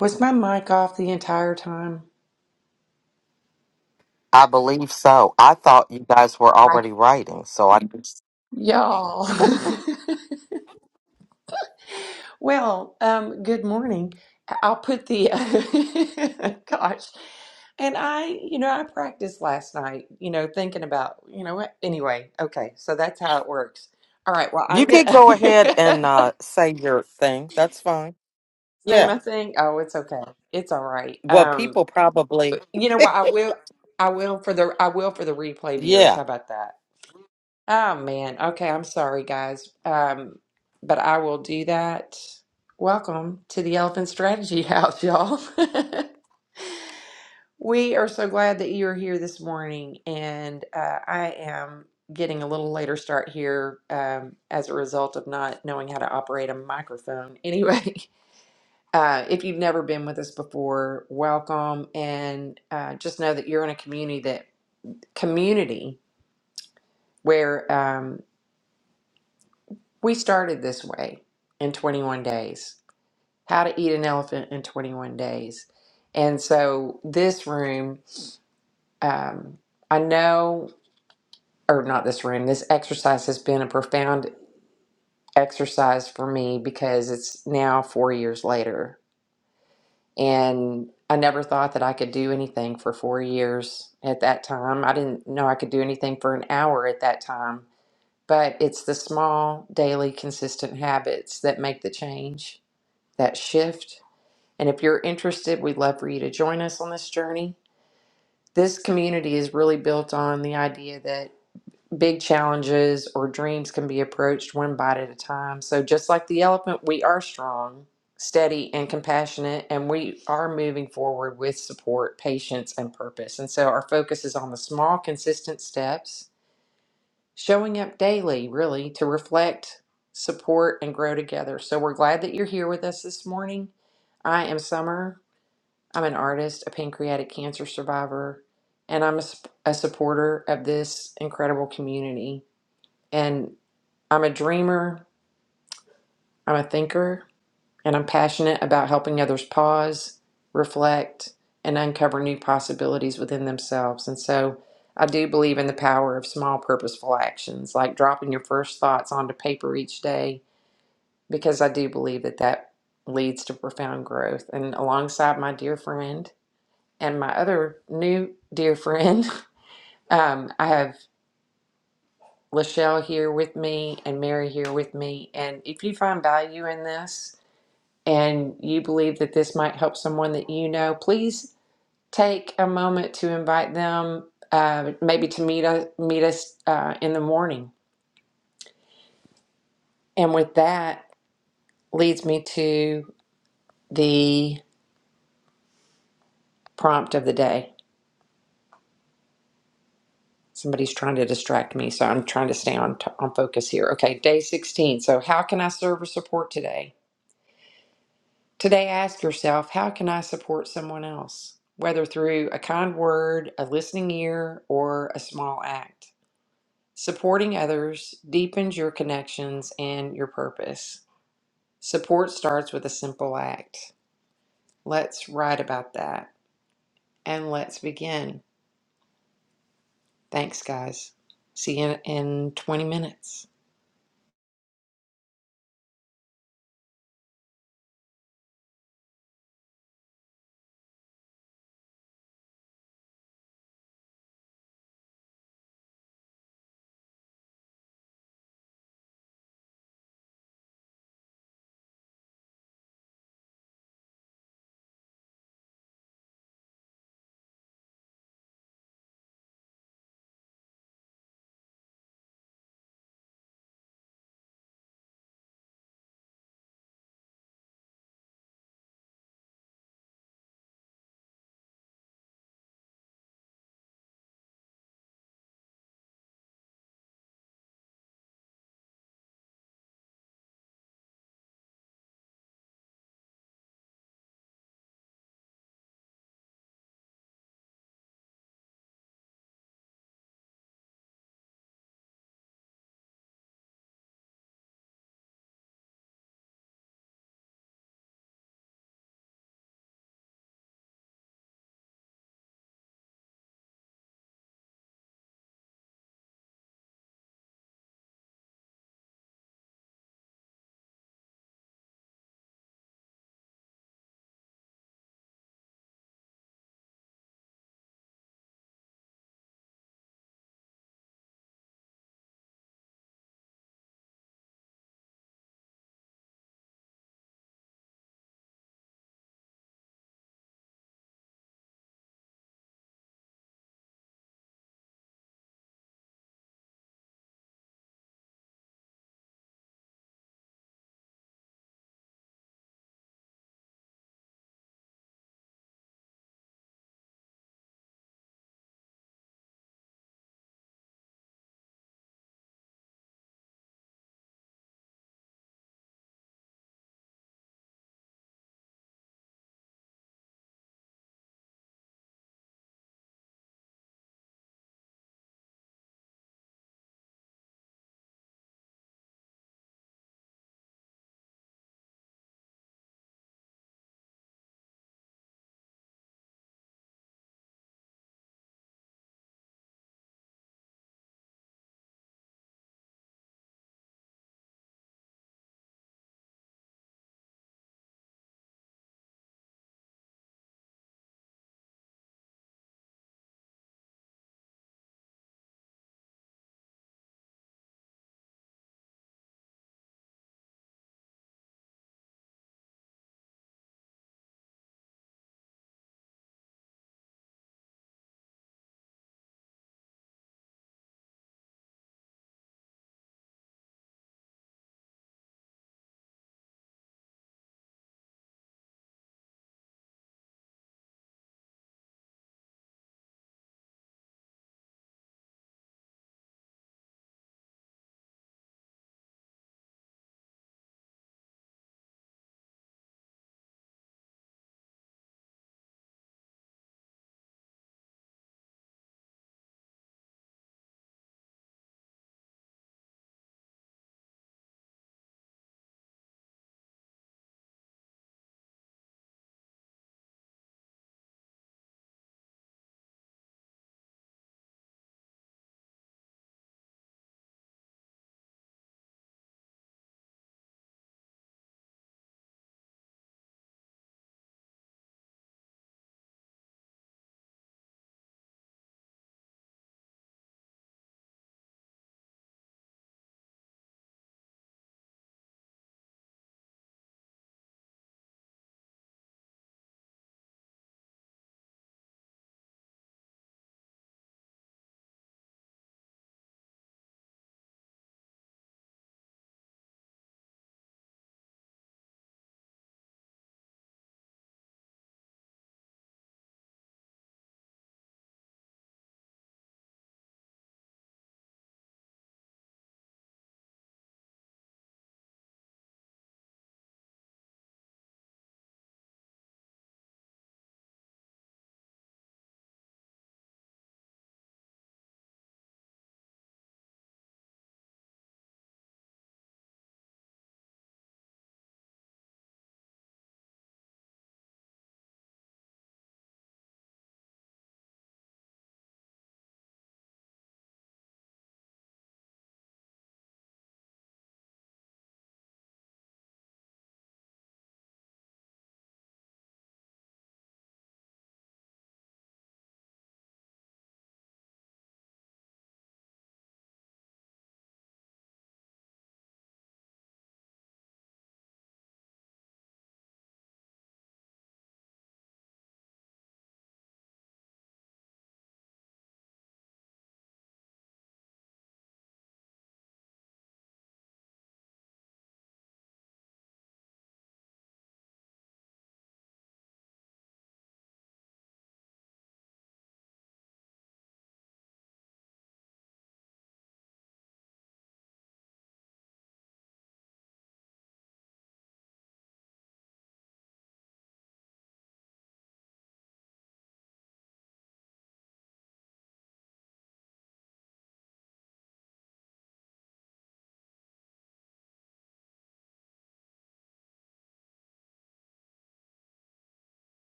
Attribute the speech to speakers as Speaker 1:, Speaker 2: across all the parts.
Speaker 1: Was my mic off the entire time?
Speaker 2: I believe so. I thought you guys were
Speaker 1: I,
Speaker 2: already writing, so I
Speaker 1: y'all. well, um, good morning. I'll put the gosh. And I, you know, I practiced last night, you know, thinking about, you know what? Anyway, okay, so that's how it works. All right, well,
Speaker 2: you
Speaker 1: I'm gonna
Speaker 2: can go ahead and uh, say your thing. That's fine.
Speaker 1: say
Speaker 2: Yeah.
Speaker 1: my thing. Oh, it's okay. It's all right.
Speaker 2: Well,
Speaker 1: Um,
Speaker 2: people probably.
Speaker 1: you know what? I will, I will for the, I will for the replay viewers.
Speaker 2: Yeah.
Speaker 1: How about that? Oh man. Okay, I'm sorry guys. Um, but I will do that. Welcome to the Elephant Strategy House, y'all. we are so glad that you're here this morning, and uh, I am getting a little later start here um, as a result of not knowing how to operate a microphone. Anyway, uh, if you've never been with us before, welcome, and uh, just know that you're in a community that community where. Um, We started this way in 21 days how to eat an elephant in 21 days. And so, this room, um, I know, or not this room, this exercise has been a profound exercise for me because it's now four years later. And I never thought that I could do anything for four years at that time. I didn't know I could do anything for an hour at that time. But it's the small, daily, consistent habits that make the change that shift. And if you're interested, we'd love for you to join us on this journey. This community is really built on the idea that big challenges or dreams can be approached one bite at a time. So, just like the elephant, we are strong, steady, and compassionate, and we are moving forward with support, patience, and purpose. And so, our focus is on the small, consistent steps showing up daily, really, to reflect, support, and grow together. So we're glad that you're here with us this morning. I am Summer. I'm an artist, a pancreatic cancer survivor, and I'm a, sup- a supporter of this incredible community. And I'm a dreamer, I'm a thinker, and I'm passionate about helping others pause, reflect, and uncover new possibilities within themselves. And so I do believe in the power of small, purposeful actions, like dropping your first thoughts onto paper each day, because I do believe that that leads to profound growth. And alongside my dear friend and my other new dear friend, um, I have Lachelle here with me and Mary here with me. And if you find value in this, and you believe that this might help someone that you know, please take a moment to invite them, uh, maybe to meet us, meet us uh, in the morning. And with that, leads me to the prompt of the day. Somebody's trying to distract me, so I'm trying to stay on, t- on focus here. Okay, day 16. So, how can I serve or support today? Today, ask yourself, how can I support someone else? Whether through a kind word, a listening ear, or a small act. Supporting others deepens your connections and your purpose. Support starts with a simple act. Let's write about that and let's begin. Thanks, guys. See you in 20 minutes.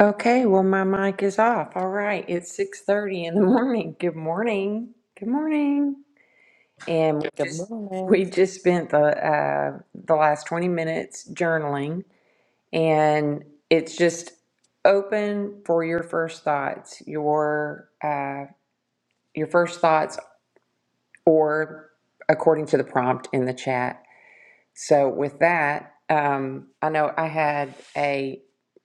Speaker 1: Okay, well, my mic is off. All right, it's 6:30 in the morning. Good morning. Good morning. And we
Speaker 2: Good
Speaker 1: just we
Speaker 2: morning.
Speaker 1: just spent the uh, the last 20 minutes journaling and it's just open for your first thoughts your uh, your first thoughts or according to the prompt in the chat so with that um, i know i had a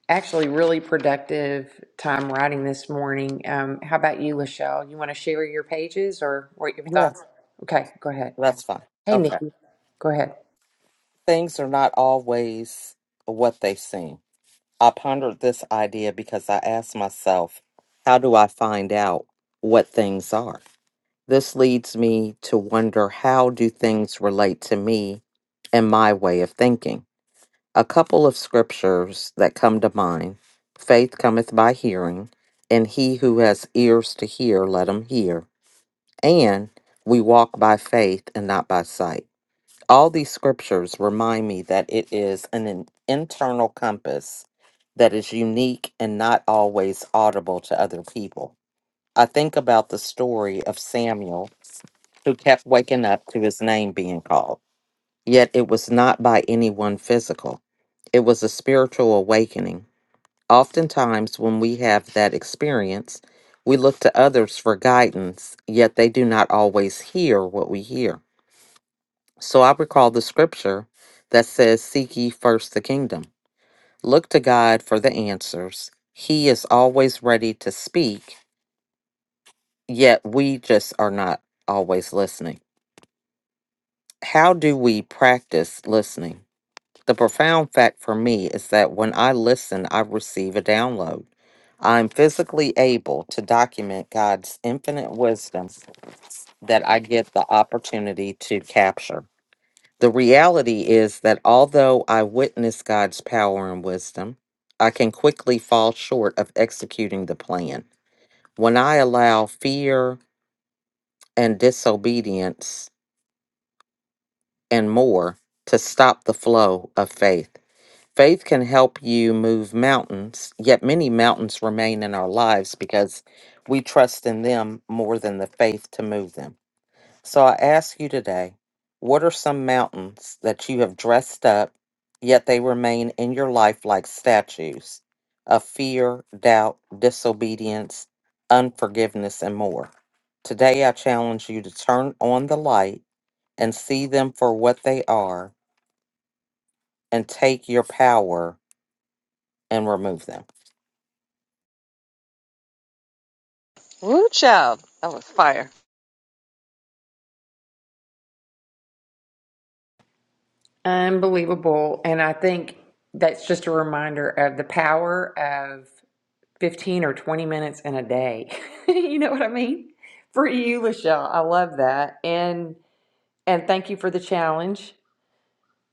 Speaker 1: actually really productive time writing this morning um, how about you lachelle you want to share your pages or what your
Speaker 2: Yeah,
Speaker 1: thoughts okay go ahead
Speaker 2: that's fine.
Speaker 1: hey
Speaker 2: Okay.
Speaker 1: nikki go ahead
Speaker 2: Things are not always what they seem. I pondered this idea because I asked myself, how do I find out what things are? This leads me to wonder how do things relate to me and my way of thinking? a couple of scriptures that come to mind. Faith cometh by hearing, and he who has ears to hear, let him hear. And we walk by faith and not by sight. All these scriptures remind me that it is an in- internal compass that is unique and not always audible to other people. I think about the story of Samuel who kept waking up to his name being called. Yet it was not by anyone physical, it was a spiritual awakening. Oftentimes, when we have that experience, we look to others for guidance, yet they do not always hear what we hear. So I recall the scripture that says, Seek ye first the kingdom. Look to God for the answers. He is always ready to speak, yet we just are not always listening. How do we practice listening? The profound fact for me is that when I listen, I receive a download. I'm physically able to document God's infinite wisdom that I get the opportunity to capture. The reality is that although I witness God's power and wisdom, I can quickly fall short of executing the plan. When I allow fear and disobedience and more to stop the flow of faith, Faith can help you move mountains, yet many mountains remain in our lives because we trust in them more than the faith to move them. So I ask you today, what are some mountains that you have dressed up, yet they remain in your life like statues of fear, doubt, disobedience, unforgiveness, and more? Today I challenge you to turn on the light and see them for what they are and take your power and remove them.
Speaker 3: Woo child. That was fire.
Speaker 1: unbelievable and i think that's just a reminder of the power 15 or 20 minutes in a day. you know what I mean? For you, Lachelle, I love that. And and thank you for the challenge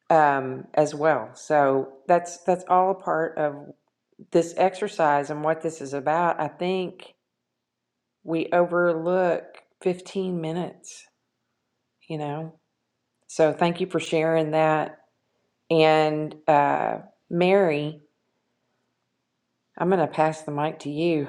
Speaker 1: um, as well. So that's that's all a part of this exercise and what this is about. I think we overlook 15 minutes, you know. So thank you for sharing that. And uh, Mary, I'm going to pass the mic to you.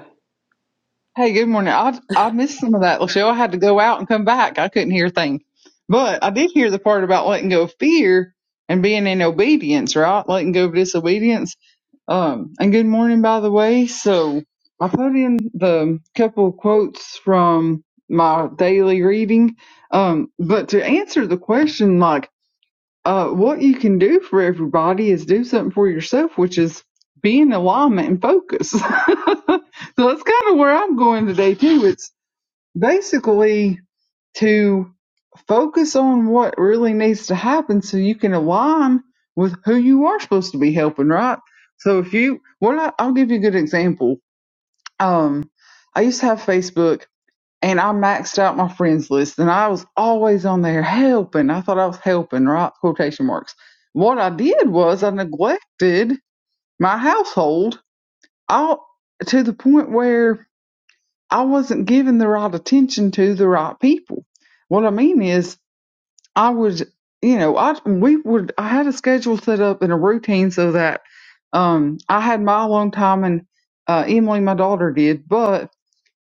Speaker 4: Hey, good morning. I I missed some of that, Lachelle. I had to go out and come back. I couldn't hear a thing, but I did hear the part about letting go of fear and being in obedience, right? Letting go of disobedience. Um, and good morning, by the way. So I put in the couple of quotes from my daily reading. Um, but to answer the question, like uh, what you can do for everybody is do something for yourself, which is be in alignment and focus. so that's kind of where I'm going today too. It's basically to focus on what really needs to happen so you can align with who you are supposed to be helping, right? So if you, well, I, I'll give you a good example. Um, I used to have Facebook and I maxed out my friends list, and I was always on there helping. I thought I was helping, right? Quotation marks. What I did was I neglected my household all to the point where I wasn't giving the right attention to the right people. What I mean is, I would, you know, I we would. I had a schedule set up and a routine so that um, I had my alone time, and uh, Emily, my daughter, did, but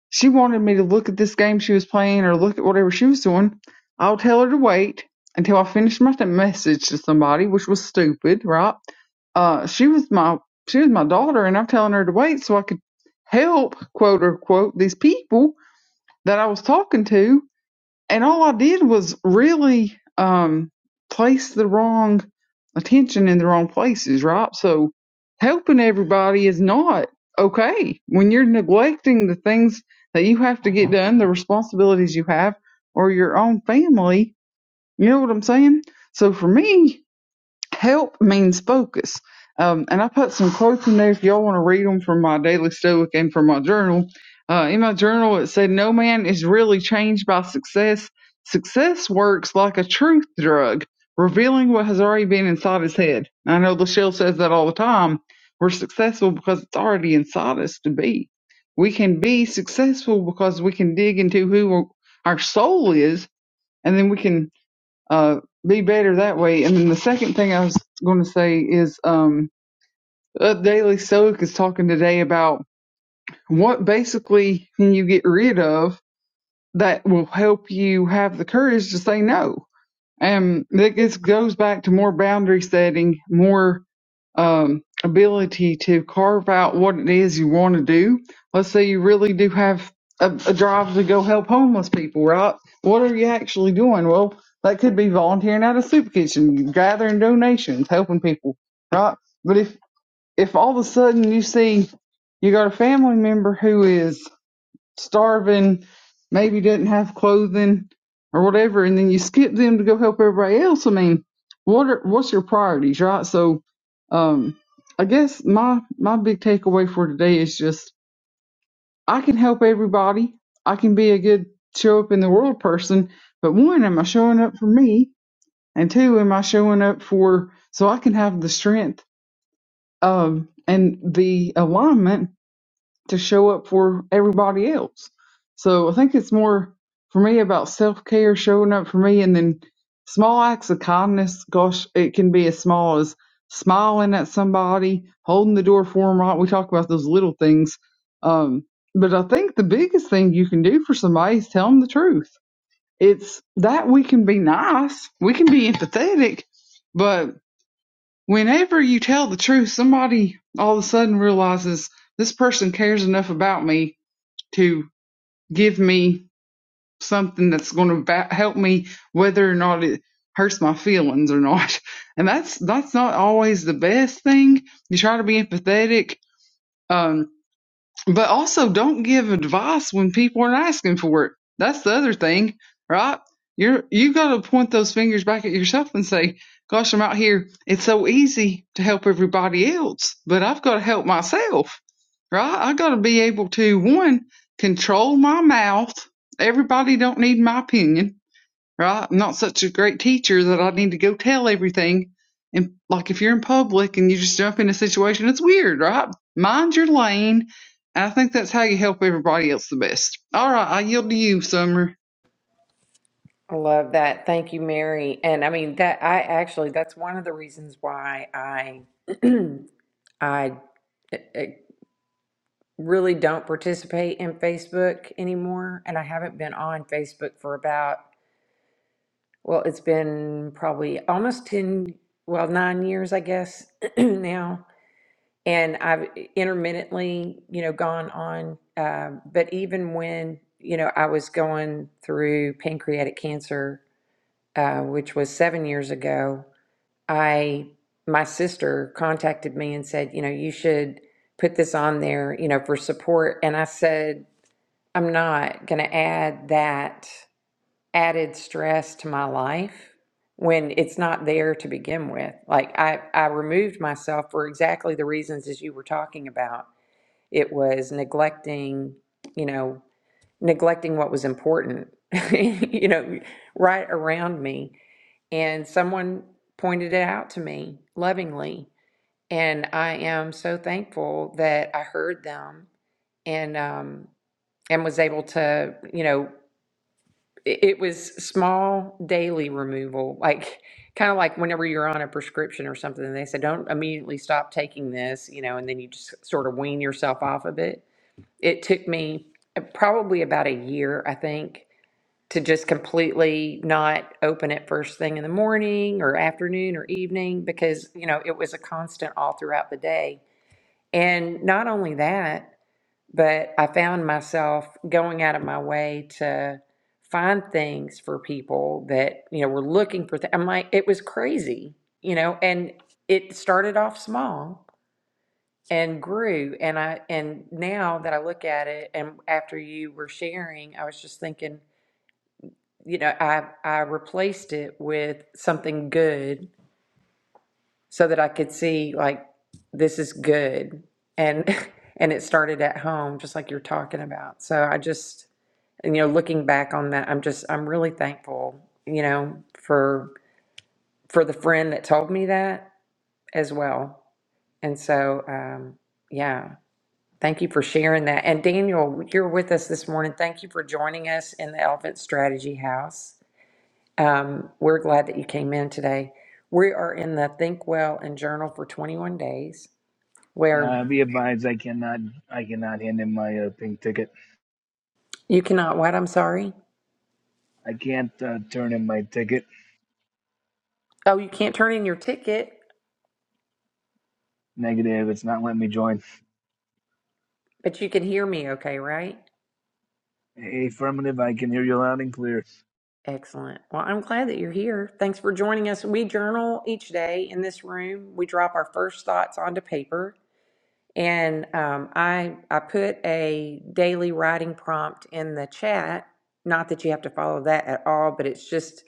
Speaker 4: she wanted me to look at this game she was playing or look at whatever she was doing. I'll tell her to wait until I finished my message to somebody, which was stupid, right? Uh, she was my she was my daughter, and I'm telling her to wait so I could help quote unquote these people that I was talking to and all I did was really um, place the wrong attention in the wrong places, right? So helping everybody is not okay when you're neglecting the things that you have to get done, the responsibilities you have, or your own family. You know what I'm saying? So for me, help means focus. Um, and I put some quotes in there if y'all want to read them from my daily stoic and from my journal. Uh, in my journal, it said, No man is really changed by success. Success works like a truth drug, revealing what has already been inside his head. And I know Lachelle says that all the time. We're successful because it's already inside us to be. We can be successful because we can dig into who our soul is, and then we can uh, be better that way. And then the second thing I was going to say is um, Up Daily Stoic is talking today about what basically can you get rid of that will help you have the courage to say no. And it goes back to more boundary setting, more um, ability to carve out what it is you want to do. Let's say you really do have a, a drive to go help homeless people, right? What are you actually doing? Well, that could be volunteering at a soup kitchen, gathering donations, helping people, right? But if if all of a sudden you see you got a family member who is starving, maybe does not have clothing or whatever, and then you skip them to go help everybody else. I mean, what are what's your priorities, right? So, um, I guess my my big takeaway for today is just I can help everybody. I can be a good show up in the world person, but one, am I showing up for me? And two, am I showing up for so I can have the strength um, and the alignment to show up for everybody else. So I think it's more for me about self care, showing up for me, and then small acts of kindness. Gosh, it can be as small as smiling at somebody, holding the door for them. Right, we talk about those little things, um, but I think the biggest thing you can do for somebody is tell them the truth. It's that we can be nice, we can be empathetic, but whenever you tell the truth, somebody all of a sudden realizes this person cares enough about me to give me something that's going to help me whether or not it hurts my feelings or not and that's that's not always the best thing you try to be empathetic Um, but also, don't give advice when people are asking for it. That's the other thing, right? You're you got to point those fingers back at yourself and say, "Gosh, I'm out here. It's so easy to help everybody else, but I've got to help myself, right? I got to be able to one control my mouth. Everybody don't need my opinion right? I'm not such a great teacher that I need to go tell everything. And like if you're in public and you just jump in a situation, it's weird, right? Mind your lane. I think that's how you help everybody else the best. All right, I yield to you, Summer.
Speaker 1: I love that. Thank you, Mary. And I mean that I actually that's one of the reasons why I I, I really don't participate in Facebook anymore and I haven't been on Facebook for about well, it's been probably almost 10 well, 9 years I guess now. And I've intermittently, you know, gone on um, but even when, you know, I was going through pancreatic cancer uh, which was 7 years ago I my sister contacted me and said, you know, you should put this on there, you know, for support. And I said, I'm not going to add that added stress to my life when it's not there to begin with. Like I I removed myself for exactly the reasons as you were talking about. It was neglecting, you know, neglecting what was important, you know, right around me and someone pointed it out to me lovingly. And I am so thankful that I heard them and um, and was able to, you know, it, it was small daily removal, like kind of like whenever you're on a prescription or something, and they say, don't immediately stop taking this, you know, and then you just sort of wean yourself off of it. It took me uh, probably about a year, I think, to just completely not open it first thing in the morning or afternoon or evening because you know it was a constant all throughout the day and not only that but i found myself going out of my way to find things for people that you know were looking for th- i'm like it was crazy you know and it started off small and grew and i and now that i look at it and after you were sharing i was just thinking you know, I I replaced it with something good so that I could see like this is good. And and it started at home just like you're talking about. So I just and, you know, looking back on that, I'm just I'm really thankful, you know, for for the friend that told me that as well. And so um yeah, thank you for sharing that. And Daniel, you're with us this morning. Thank you for joining us in the Elephant Strategy House. Um, we're glad that you came in today. We are in the Think Well and Journal for 21 days where
Speaker 5: Uh, be advised, I cannot, I cannot hand in my uh, pink ticket.
Speaker 1: you cannot, what? I'm sorry.
Speaker 5: I can't uh, turn in my ticket.
Speaker 1: Oh, you can't turn in your ticket,
Speaker 5: Negative, it's not letting me join.
Speaker 1: but you can hear me okay, right?
Speaker 5: Affirmative, I can hear you loud and clear.
Speaker 1: Excellent. Well, I'm glad that you're here. Thanks for joining us. We journal each day in this room. We drop our first thoughts onto paper. And um, I, I put a daily writing prompt in the chat. Not that you have to follow that at all, but it's just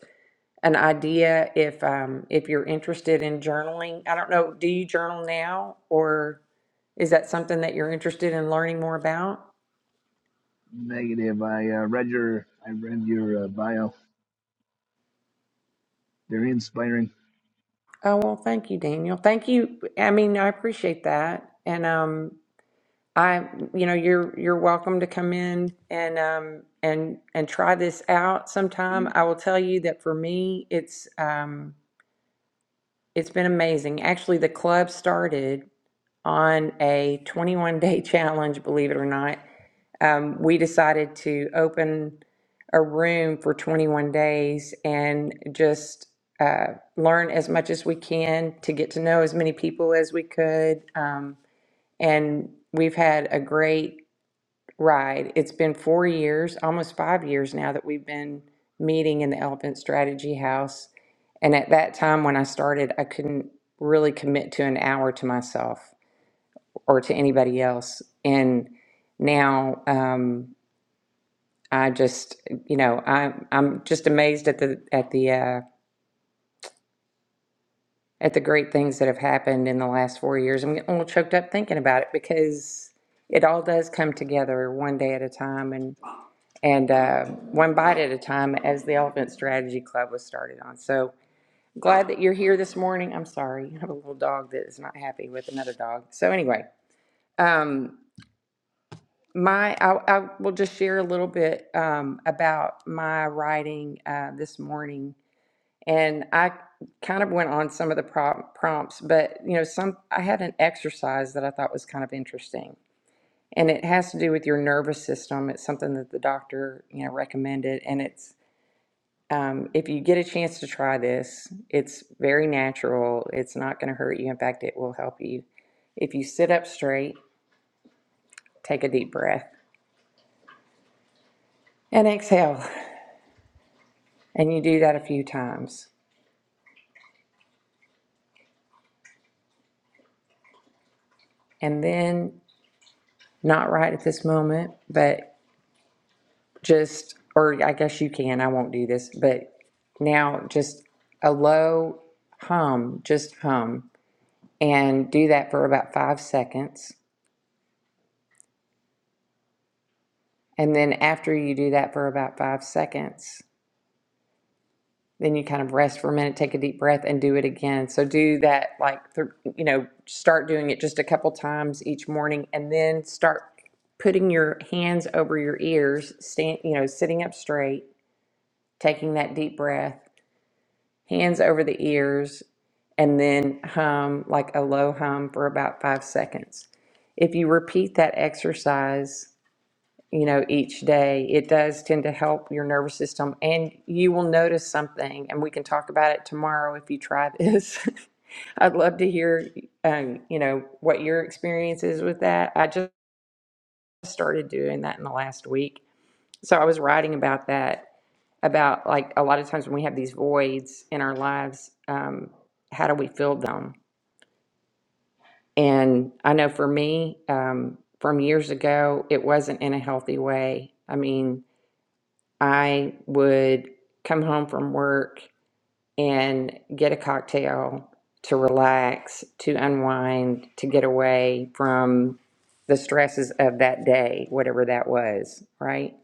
Speaker 1: an idea if um, if you're interested in journaling. I don't know. Do you journal now, or is that something that you're interested in learning more about?
Speaker 5: Negative, I uh, read your, I read your uh, bio. They're inspiring.
Speaker 1: Oh well, thank you, Daniel. Thank you. I mean, I appreciate that, and um, I, you know, you're you're welcome to come in and um and and try this out
Speaker 5: Do
Speaker 1: sometime. I will tell you that for me, it's um it's been amazing. Actually, the club started on a 21 day challenge, believe it or not um, we decided to open a room for 21 days and just uh, learn as much as we can to get to know as many people as we could. Um, and we've had a great ride. It's been four years, almost five years now, that we've been meeting in the Elephant Strategy House. And at that time when I started, I couldn't really commit to an hour to myself or to anybody else. And now, um, I just, you know, I'm I'm just amazed at the at the uh, at the great things that have happened in the last four years. I'm getting a little choked up thinking about it because it all does come together one day at a time and and uh, one bite at a time, as the Elephant Strategy Club was started on. So glad that you're here this morning. I'm sorry, I have a little dog that is not happy with another dog. So anyway, um, my I, I will just share a little bit um, about my writing uh, this morning and I kind of went on some of the prompt, prompts, but you know, some I had an exercise that I thought was kind of interesting, and it has to do with your nervous system. It's something that the doctor you know recommended, and it's um, if you get a chance to try this, it's very natural. It's not going to hurt you. In fact, it will help you if you sit up straight, take a deep breath, and exhale, and you do that a few times, and then. Not right at this moment, but just, or I guess you can, I won't do this, but now just a low hum, just hum, and do that for about five seconds. And then after you do that for about five seconds, then you kind of rest for a minute, take a deep breath, and do it again. So do that, like, th- you know, start doing it just a couple times each morning and then start putting your hands over your ears, stand, you know, sitting up straight, taking that deep breath hands over the ears, and then hum like a low hum for about five seconds. If you repeat that exercise, you know, each day, it does tend to help your nervous system, and you will notice something. And we can talk about it tomorrow if you try this. I'd love to hear, um, you know, what your experience is with that. I just started doing that in the last week, so I was writing about that about like a lot of times when we have these voids in our lives, um, how do we fill them? And I know for me, um, from years ago, it wasn't in a healthy way. I mean, I would come home from work and get a cocktail to relax, to unwind, to get away from the stresses of that day, whatever that was, right?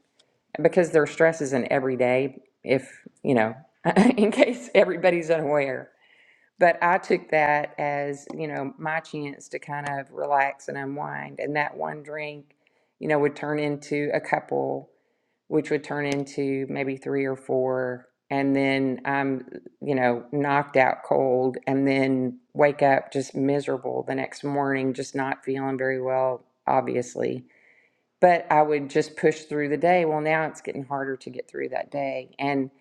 Speaker 1: because their stress is in every day if you know in case everybody's unaware but i took that as you know my chance to kind of relax and unwind and that one drink you know would turn into a couple which would turn into maybe three or four and then i'm you know knocked out cold and then wake up just miserable the next morning just not feeling very well obviously but I would just push through the day. Well, now it's getting harder to get through that day. And,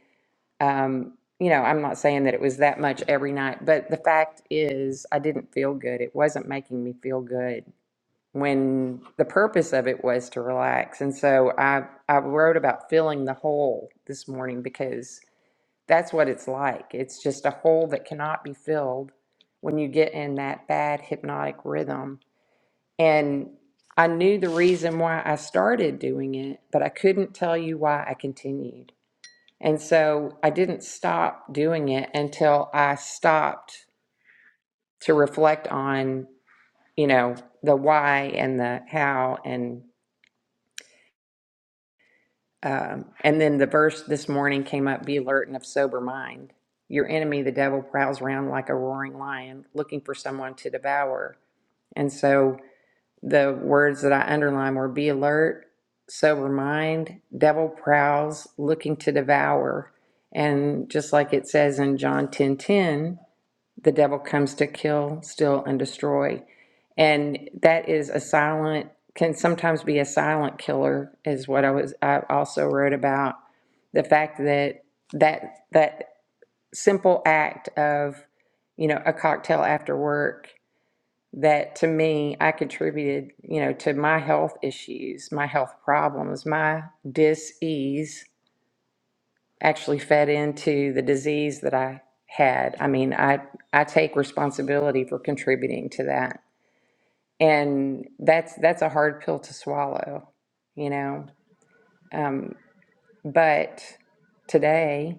Speaker 1: um, you know, I'm not saying that it was that much every night, but the fact is, I didn't feel good. It wasn't making me feel good when the purpose of it was to relax. And so I, I wrote about filling the hole this morning because that's what it's like. It's just a hole that cannot be filled when you get in that bad hypnotic rhythm and I knew the reason why I started doing it, but I couldn't tell you why I continued. And so I didn't stop doing it until I stopped to reflect on, you know, the why and the how. And, um, and then the verse this morning came up be alert and of sober mind. Your enemy, the devil, prowls around like a roaring lion looking for someone to devour. And so the words that I underlined were be alert, sober mind, devil prowls, looking to devour. And just like it says in John 10:10, the devil comes to kill, steal, and destroy. And that is a silent, can sometimes be a silent killer, is what I was I also wrote about. The fact that that that simple act of, you know, a cocktail after work that to me I contributed, you know, to my health issues, my health problems, my dis-ease actually fed into the disease that I had. I mean, I I take responsibility for contributing to that. And that's that's a hard pill to swallow, you know. Um, but today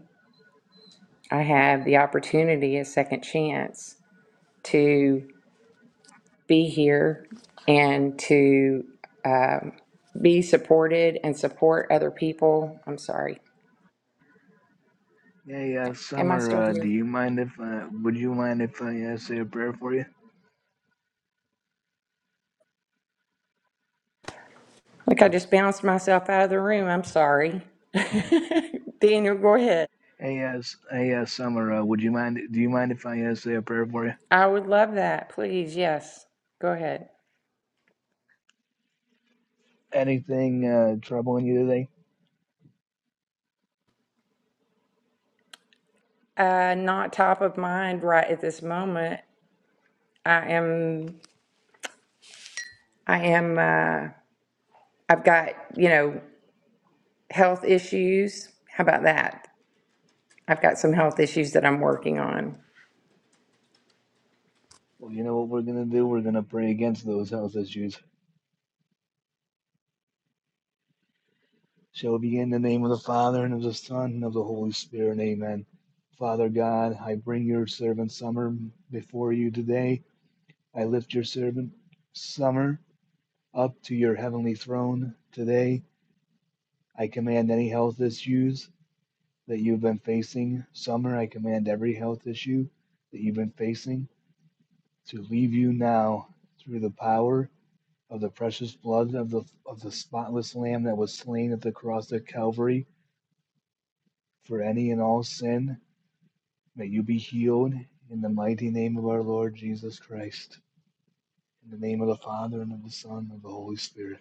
Speaker 1: I have the opportunity, a second chance to be here and to um, be supported and support other people. I'm sorry.
Speaker 5: hey, uh,
Speaker 1: Am I still
Speaker 5: Summer, uh, do
Speaker 1: here?
Speaker 5: you mind if, uh, would you mind if I uh, say a prayer for you?
Speaker 1: Like I just bounced myself out of the room. I'm sorry. Daniel, go ahead.
Speaker 5: Hey, uh, S- hey, uh, Summer, uh, would you mind? Do you mind if I uh, say a prayer for you?
Speaker 1: I would love that. Please. Yes. Go ahead.
Speaker 5: Anything uh, troubling you today?
Speaker 1: Uh, not top of mind right at this moment. I am, I am, uh, I've got, you know, health issues. How about that? I've got some health issues that I'm working on.
Speaker 5: Well, you know what we're gonna do? We're gonna pray against those health issues. shall begin in the name of the Father and of the Son and of the Holy Spirit. Amen. Father God, I bring your servant Summer before you today. I lift your servant Summer up to your heavenly throne today. I command any health issues that you've been facing, Summer. I command every health issue that you've been facing to leave you now through the power of the precious blood of the of the spotless lamb that was slain at the cross of Calvary for any and all sin May you be healed in the mighty name of our Lord Jesus Christ, in the name of the Father and of the Son and of the Holy Spirit.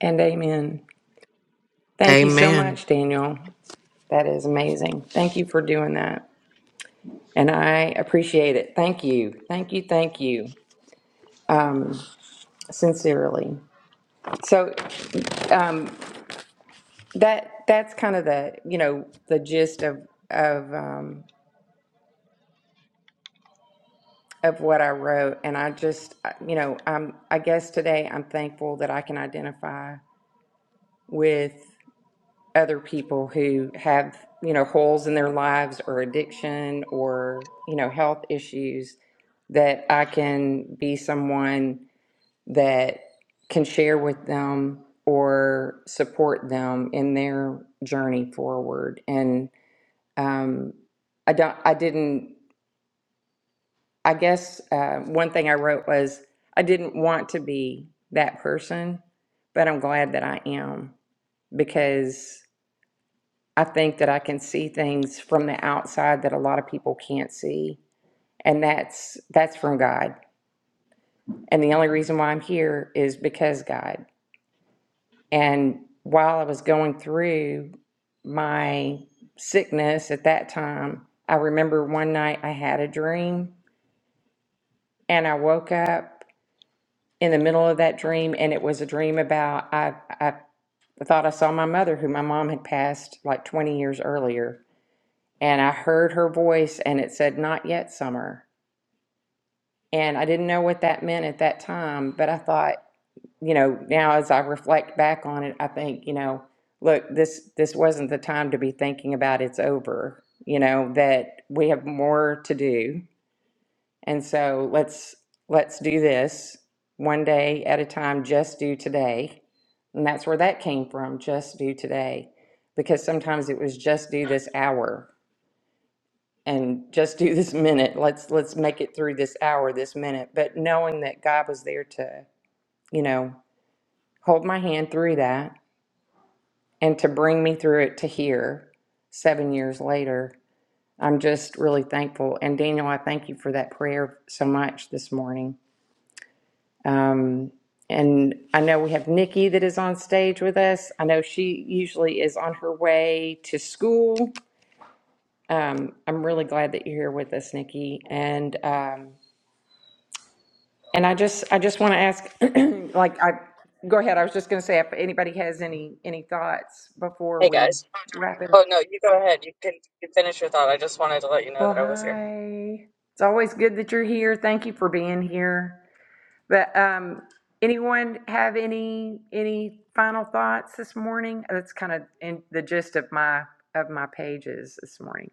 Speaker 1: And amen. Thank you so
Speaker 2: Amen.
Speaker 1: much, Daniel. That is amazing. Thank you for doing that. And I appreciate it. Thank you. Thank you. Thank you. Um, sincerely. So um, that that's kind of the you know the gist of of um, of what I wrote. And I just you know I'm I guess today I'm thankful that I can identify with other people who have, you know, holes in their lives or addiction or, you know, health issues that I can be someone that can share with them or support them in their journey forward. And um, I don't, I didn't, I guess uh, one thing I wrote was I didn't want to be that person, but I'm glad that I am because. I think that I can see things from the outside that a lot of people can't see. And that's that's from God. And the only reason why I'm here is because God. And while I was going through my sickness at that time, I remember one night I had a dream and I woke up in the middle of that dream and it was a dream about I I thought I saw my mother who my mom had passed like 20 years earlier and I heard her voice and it said not yet summer And I didn't know what that meant at that time, but I thought, you know, now as I reflect back on it, I think, you know, look, this this wasn't the time to be thinking about it's over, you know, that we have more to do. And so let's let's do this one day at a time, just do today. And that's where that came from, just do today. Because sometimes it was just do this hour and just do this minute. Let's let's make it through this hour, this minute. But knowing that God was there to, you know, hold my hand through that and to bring me through it to here seven years later. I'm just really thankful. And Daniel, I thank you for that prayer so much this morning. Um, and I know we have Nikki that is on stage with us. I know she usually is on her way to school. Um, I'm really glad that you're here with us, Nikki. And um, And I just, I just want to ask, like, I, go ahead, I was just going to say if anybody has any, any thoughts before
Speaker 3: Hey
Speaker 1: we
Speaker 3: guys.
Speaker 1: wrap it up.
Speaker 3: Oh no, you go ahead. You can you finish your thought. I just wanted to let you know
Speaker 1: Well,
Speaker 3: that I was here.
Speaker 1: hi. It's always good that you're here. Thank you for being here. But, um, anyone have any, any final thoughts this morning? That's kind of in the gist of my, of my pages this morning.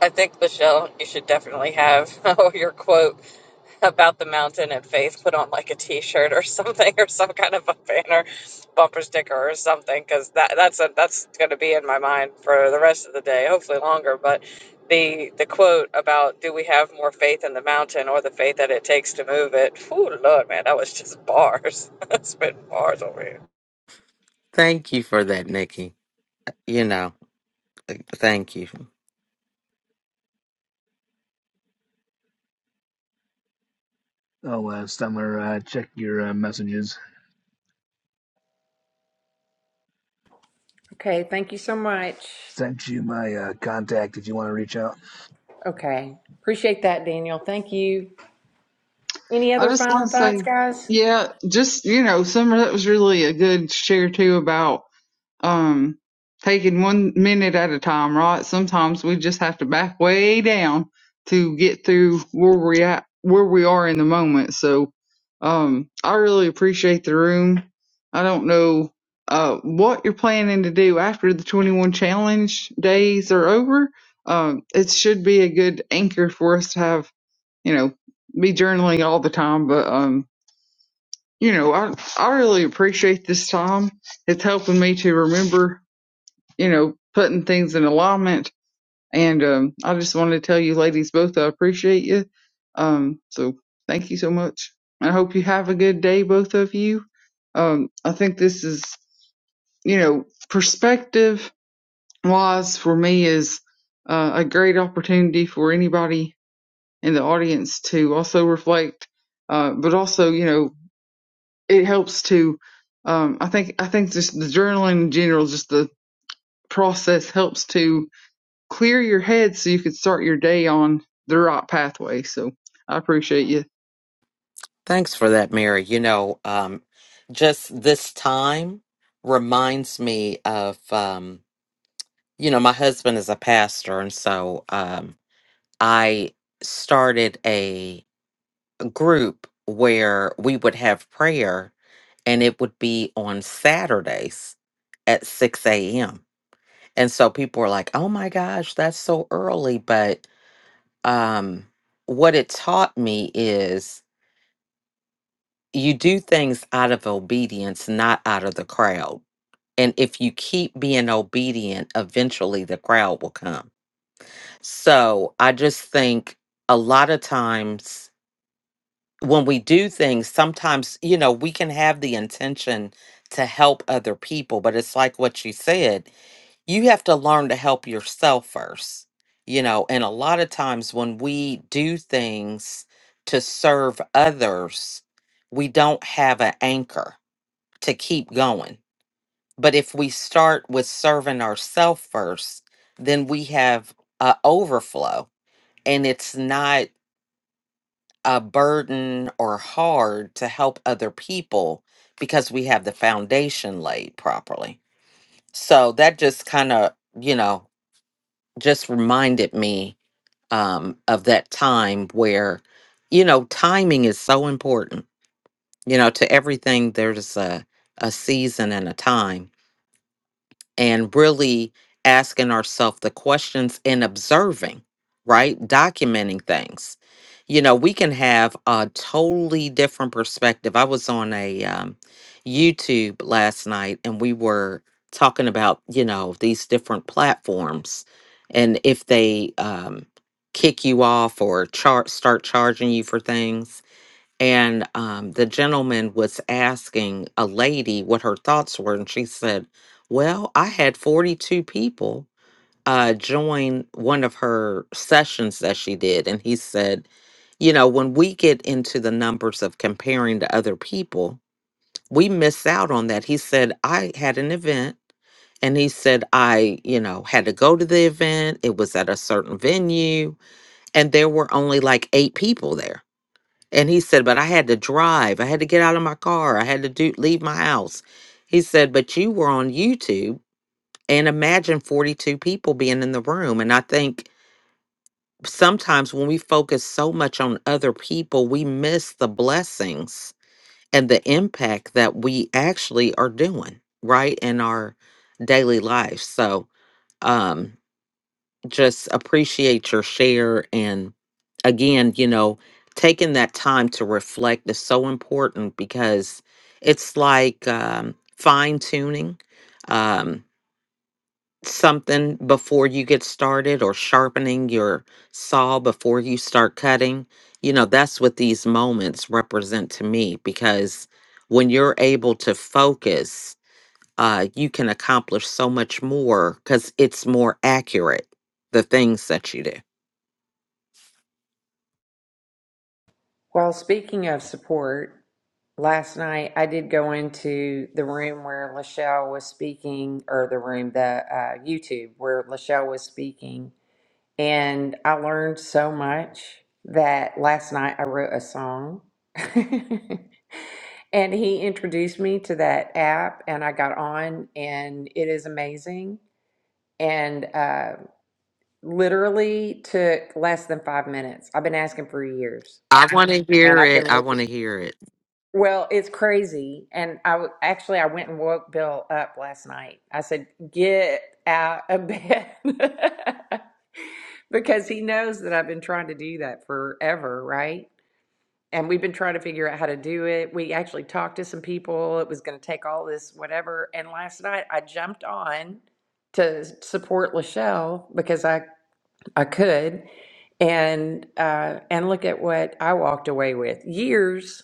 Speaker 3: I think, Michelle, you should definitely have oh your quote about the mountain and faith put on like a t-shirt or something or some kind of a banner bumper sticker or something because that that's a, that's going to be in my mind for the rest of the day hopefully longer but the the quote about do we have more faith in the mountain or the faith that it takes to move it Ooh, lord man that was just bars that's been bars over here
Speaker 2: Thank you for that, Nikki. You know, uh, thank you.
Speaker 5: Oh, uh, Summer, uh, check your uh, messages.
Speaker 1: Okay, thank you so much.
Speaker 5: Sent you my uh, contact if you want to reach out.
Speaker 1: Okay, appreciate that, Daniel. Thank you. Any
Speaker 4: I
Speaker 1: other
Speaker 4: just want
Speaker 1: final
Speaker 4: to
Speaker 1: thoughts,
Speaker 4: say,
Speaker 1: guys?
Speaker 4: yeah, just you know, Summer, that was really a good share too about um taking one minute at a time, right? Sometimes we just have to back way down to get through where we at where we are in the moment. So um I really appreciate the room. I don't know uh what you're planning to do after the 21 challenge days are over. Um it should be a good anchor for us to have, you know, be journaling all the time, but um you know, I I really appreciate this time. It's helping me to remember you know, putting things in alignment. And um, I just wanted to tell you ladies both, I appreciate you. Um, so thank you so much. I hope you have a good day, both of you. Um, I think this is, you know, perspective wise for me is uh, a great opportunity for anybody in the audience to also reflect, uh, but also, you know, it helps to, um, I think, I think just the journaling in general, just the process helps to clear your head so you can start your day on the right pathway. So I appreciate you.
Speaker 2: Thanks for that, Mary. You know, um, just this time reminds me of, um, you know, my husband is a pastor, and so um, I started a group where we would have prayer, and it would be on Saturdays at 6 a.m. And so people were like, oh my gosh, that's so early. But um, what it taught me is you do things out of obedience, not out of the crowd. And if you keep being obedient, eventually the crowd will come. So I just think a lot of times when we do things, sometimes, you know, we can have the intention to help other people, but it's like what you said. you have to learn to help yourself first you know and a lot of times when we do things to serve others we don't have an anchor to keep going but if we start with serving ourselves first then we have a overflow and it's not a burden or hard to help other people because we have the foundation laid properly so that just kind of you know just reminded me um, of that time where, you know, timing is so important. You know, to everything, there's a, a season and a time and really asking ourselves the questions and observing, right? Documenting things. You know, we can have a totally different perspective. I was on a um, YouTube last night and we were talking about, you know, these different platforms and if they um, kick you off or char- start charging you for things and um, the gentleman was asking a lady what her thoughts were, and she said, "Well, I had forty-two people uh, join one of her sessions that she did," and he said, "You know, when we get into the numbers of comparing to other people, we miss out on that." He said, "I had an event." And he said, I, you know, had to go to the event. It was at a certain venue, and there were only like eight people there. And he said, But I had to drive. I had to get out of my car. I had to do leave my house. He said, But you were on YouTube and imagine 42 people being in the room. And I think sometimes when we focus so much on other people, we miss the blessings and the impact that we actually are doing, right? In our daily life. So um just appreciate your share and again you know taking that time to reflect is so important because it's like um, fine tuning um, something before you get started or sharpening your saw before you start cutting you know that's what these moments represent to me because when you're able to focus uh, you can accomplish so much more because it's more accurate the things that you do
Speaker 1: Well, speaking of support, Last night, I did go into the room where Lachelle was speaking, or the room, the uh, YouTube where Lachelle was speaking, and I learned so much that last night I wrote a song. and he introduced me to that app, and I got on, and it is amazing. And uh, literally took less than five minutes. I've been asking for years,
Speaker 2: I want to
Speaker 1: and
Speaker 2: hear
Speaker 1: I've been
Speaker 2: it. I
Speaker 1: looking.
Speaker 2: want to hear it.
Speaker 1: Well, it's crazy. And I w- actually I went and woke Bill up last night. I said, "Get out of bed." Because he knows that I've been trying to do that forever, right? And we've been trying to figure out how to do it. We actually talked to some people. It was going to take all this whatever. And last night I jumped on to support Lachelle because I I could and uh and look at what I walked away with. Years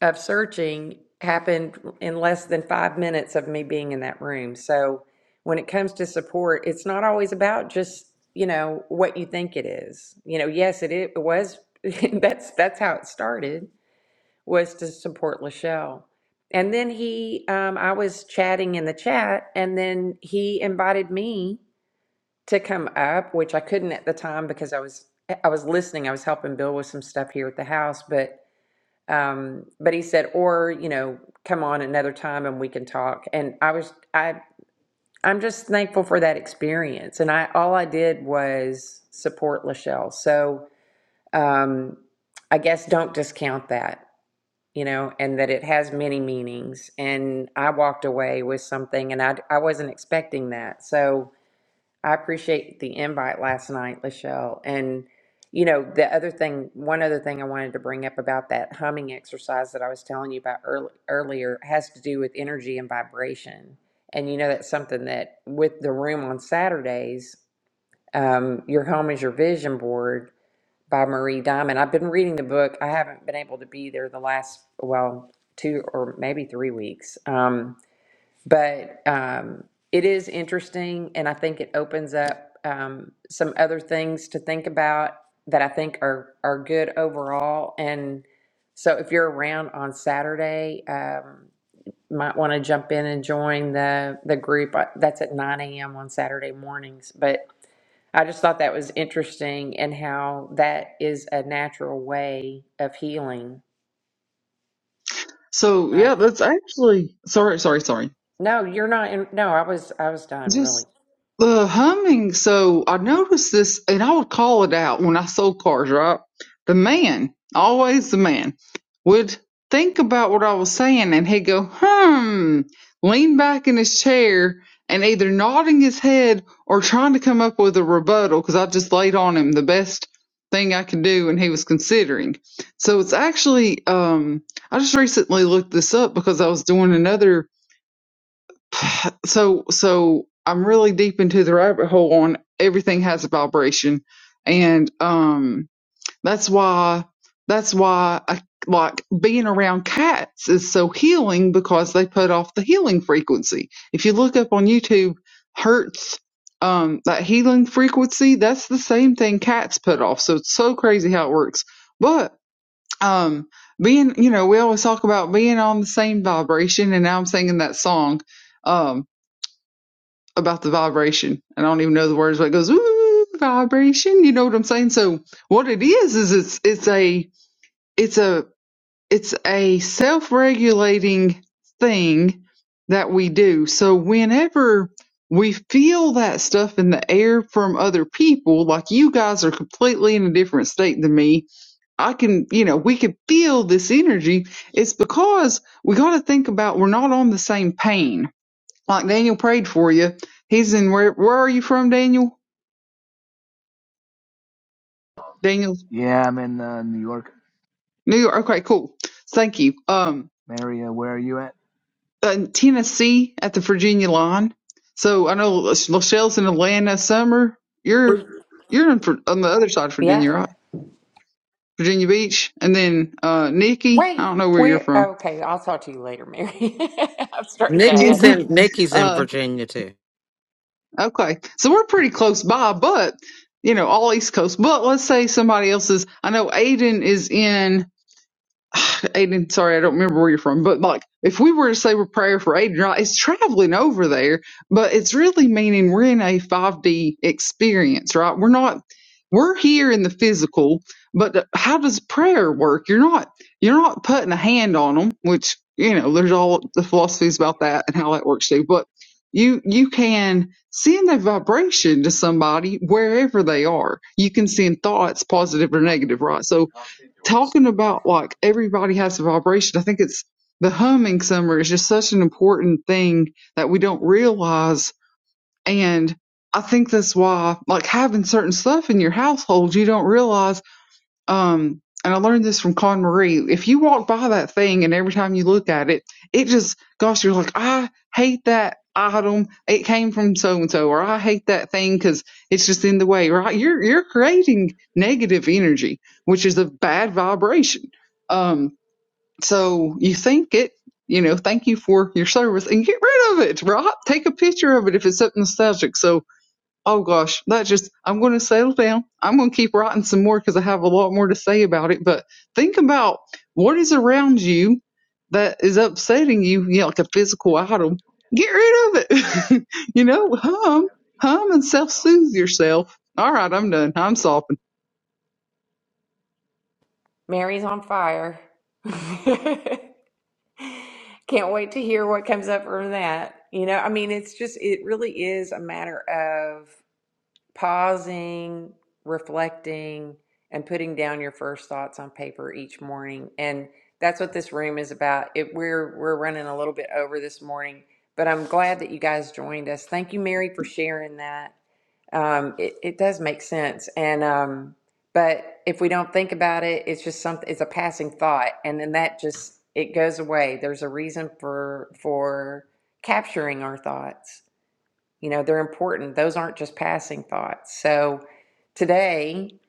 Speaker 1: of searching happened in less than five minutes of me being in that room. So when it comes to support, it's not always about just, you know, what you think it is. You know, yes, it, it was, that's, that's how it started, was to support Lachelle. And then he, um, I was chatting in the chat and then he invited me to come up, which I couldn't at the time because I was, I was listening. I was helping Bill with some stuff here at the house, but um, but he said, or, you know, come on another time and we can talk. And I was, I, I'm just thankful for that experience. And I, all I did was support Lachelle. So, um, I guess don't discount that, you know, and that it has many meanings. And I walked away with something and I, I wasn't expecting that. So, I appreciate the invite last night, Lachelle. And, you know, the other thing, one other thing I wanted to bring up about that humming exercise that I was telling you about earl- earlier has to do with energy and vibration. And, you know, that's something that with the room on Saturdays, um, Your Home is Your Vision Board by Marie Diamond. I've been reading the book. I haven't been able to be there the last, well, two or maybe three weeks. Um, but um, it is interesting, and I think it opens up um, some other things to think about that I think are are good overall. And so, if you're around on Saturday, um, might want to jump in and join the the group. Uh, That's at 9 a.m. on Saturday mornings. But I just thought that was interesting, and how that is a natural way of healing.
Speaker 4: So
Speaker 1: Right?
Speaker 4: yeah, that's actually sorry, sorry, sorry.
Speaker 1: No, you're not. In, no, I was I was done.
Speaker 4: Just
Speaker 1: Really.
Speaker 4: the humming. So I noticed this, and I would call it out when I sold cars, right? The man, always the man, would think about what I was saying and he'd go, hmm, lean back in his chair and either nodding his head or trying to come up with a rebuttal because I just laid on him the best thing I could do and he was considering. So it's actually, um, I just recently looked this up because I was doing another so so I'm really deep into the rabbit hole on everything has a vibration, and um, that's why that's why I like being around cats is so healing because they put off the healing frequency. If you look up on YouTube, Hertz. Um, that healing frequency, that's the same thing cats put off. So it's so crazy how it works. But, um, being, you know, we always talk about being on the same vibration. And now I'm singing that song. Um, about the vibration. And I don't even know the words, but it goes, ooh, vibration. You know what I'm saying? So what it is, is it's, it's a, it's a, it's a self-regulating thing that we do. So whenever we feel that stuff in the air from other people, like you guys are completely in a different state than me. I can, you know, we can feel this energy. It's because we got to think about we're not on the same plane. Like Daniel prayed for you. He's in where? Where are you from, Daniel? Daniel's
Speaker 5: Yeah, I'm in uh, New York.
Speaker 4: New York. Okay, cool. Thank you. Um,
Speaker 5: Maria, where are you at?
Speaker 4: uh, Tennessee at the Virginia line. So I know Lachelle's in Atlanta. Summer, you're you're in, Vir- on the other side of
Speaker 1: Yeah.
Speaker 4: Virginia, right? Virginia Beach, and then uh, Nikki. I
Speaker 1: Wait,
Speaker 4: don't know where you're
Speaker 1: we're
Speaker 4: from.
Speaker 1: okay. I'll talk to you later, Mary. I've started to
Speaker 2: Nikki's
Speaker 1: ask
Speaker 4: Yeah.
Speaker 2: in
Speaker 1: you.
Speaker 2: Nikki's in
Speaker 4: Uh,
Speaker 2: Virginia too.
Speaker 4: okay. So we're pretty close by, but you know, all East Coast. But let's say somebody else is. I know Aiden is in. Aiden, sorry, I don't remember where you're from, but like if we were to say a prayer for Aiden, right, it's traveling over there, but it's really meaning we're in a 5D experience, right? We're not, we're here in the physical, but how does prayer work? You're not, you're not putting a hand on them, which, you know, there's all the
Speaker 5: H
Speaker 4: philosophies
Speaker 5: D B
Speaker 4: about
Speaker 5: S,
Speaker 4: that and how that works too, but you, you can send a vibration to somebody wherever they are. You can send thoughts, positive or negative, right? So,
Speaker 5: cockpit door,
Speaker 4: talking
Speaker 5: Standby.
Speaker 4: about like everybody has a vibration, I think it's the humming summer is just such an important thing that we don't realize. And I think that's why, like having certain stuff in your household, you don't realize um, and I learned this from Con Marie. If you walk by that thing and every time you look at it, it just, gosh, you're like, I hate that item. It came from so and so, or I hate that thing because it's just in the way, right? You're, you're creating negative energy, which is a bad vibration. Um, so you think it, you know, thank you for your service and get rid of it, right? Take a picture of it if it's something nostalgic. So, Oh gosh, that just, I'm going to settle down. I'm going to keep writing some more because I have a lot more to say about it. But think about what is around you that is upsetting you, you know, like a physical item. Get rid of it. you know,
Speaker 5: Slash S four
Speaker 4: hum,
Speaker 5: F P A,
Speaker 4: hum and
Speaker 5: select your
Speaker 4: self
Speaker 5: dom.
Speaker 4: soothe yourself. All right, I'm done. I'm sopping.
Speaker 1: Mary's on fire. Can't wait to hear what comes up from that. You know, I mean, it's just, it really is a matter of pausing, reflecting, and putting down your first thoughts on paper each morning. And that's what this room is about. It, we're we're running a little bit over this morning, but I'm glad that you guys joined us. Thank you, Mary, for sharing that. Um, it, it does make sense. And, um, but if we don't think about it, it's just something, it's a passing thought. And then that just, it goes away. There's a reason for, for capturing our thoughts. You know, they're important. Those aren't just passing thoughts. So today,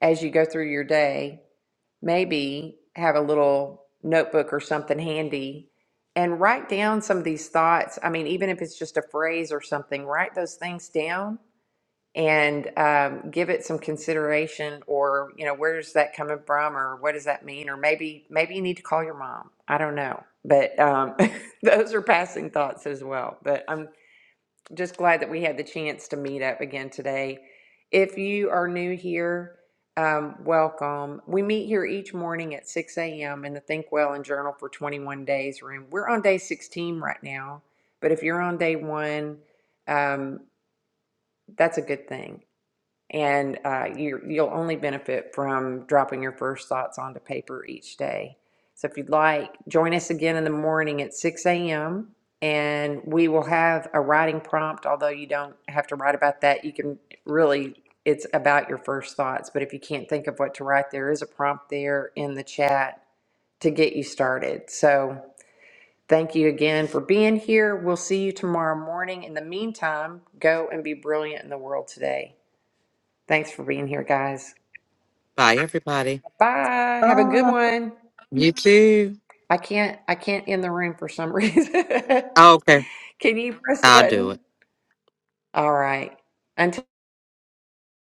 Speaker 1: as you go through your day, maybe have a little notebook or something handy and write down some of these thoughts. I mean, even if it's just a phrase or something, write those things down and um, give it some consideration or you know where's that coming from or what does that mean or maybe maybe you need to call your mom i don't know but um, those are passing thoughts as well but i'm just glad that we had the chance to meet up again today if you are new here um, welcome we meet here each morning at 6 a.m in the think well and journal for 21 days room we're on day 16 right now but if you're on day one um, that's a good thing and uh, you you'll only benefit from dropping your first thoughts onto paper each day. So if you'd like, join us again in the morning at 6 a.m. and we will have a writing prompt. Although you don't have to write about that, you can really it's about your first thoughts. But if you can't think of what to write, there is a prompt there in the chat to get you started. So thank you again for being here. We'll see you tomorrow morning. In the meantime, go and be brilliant in the world today. Thanks for being here, guys.
Speaker 2: Bye everybody.
Speaker 1: Bye. Have a good one.
Speaker 2: You too.
Speaker 1: I can't I can't end the room for some reason.
Speaker 2: okay.
Speaker 1: Can you press the
Speaker 2: I'll do it.
Speaker 1: button? All right. Until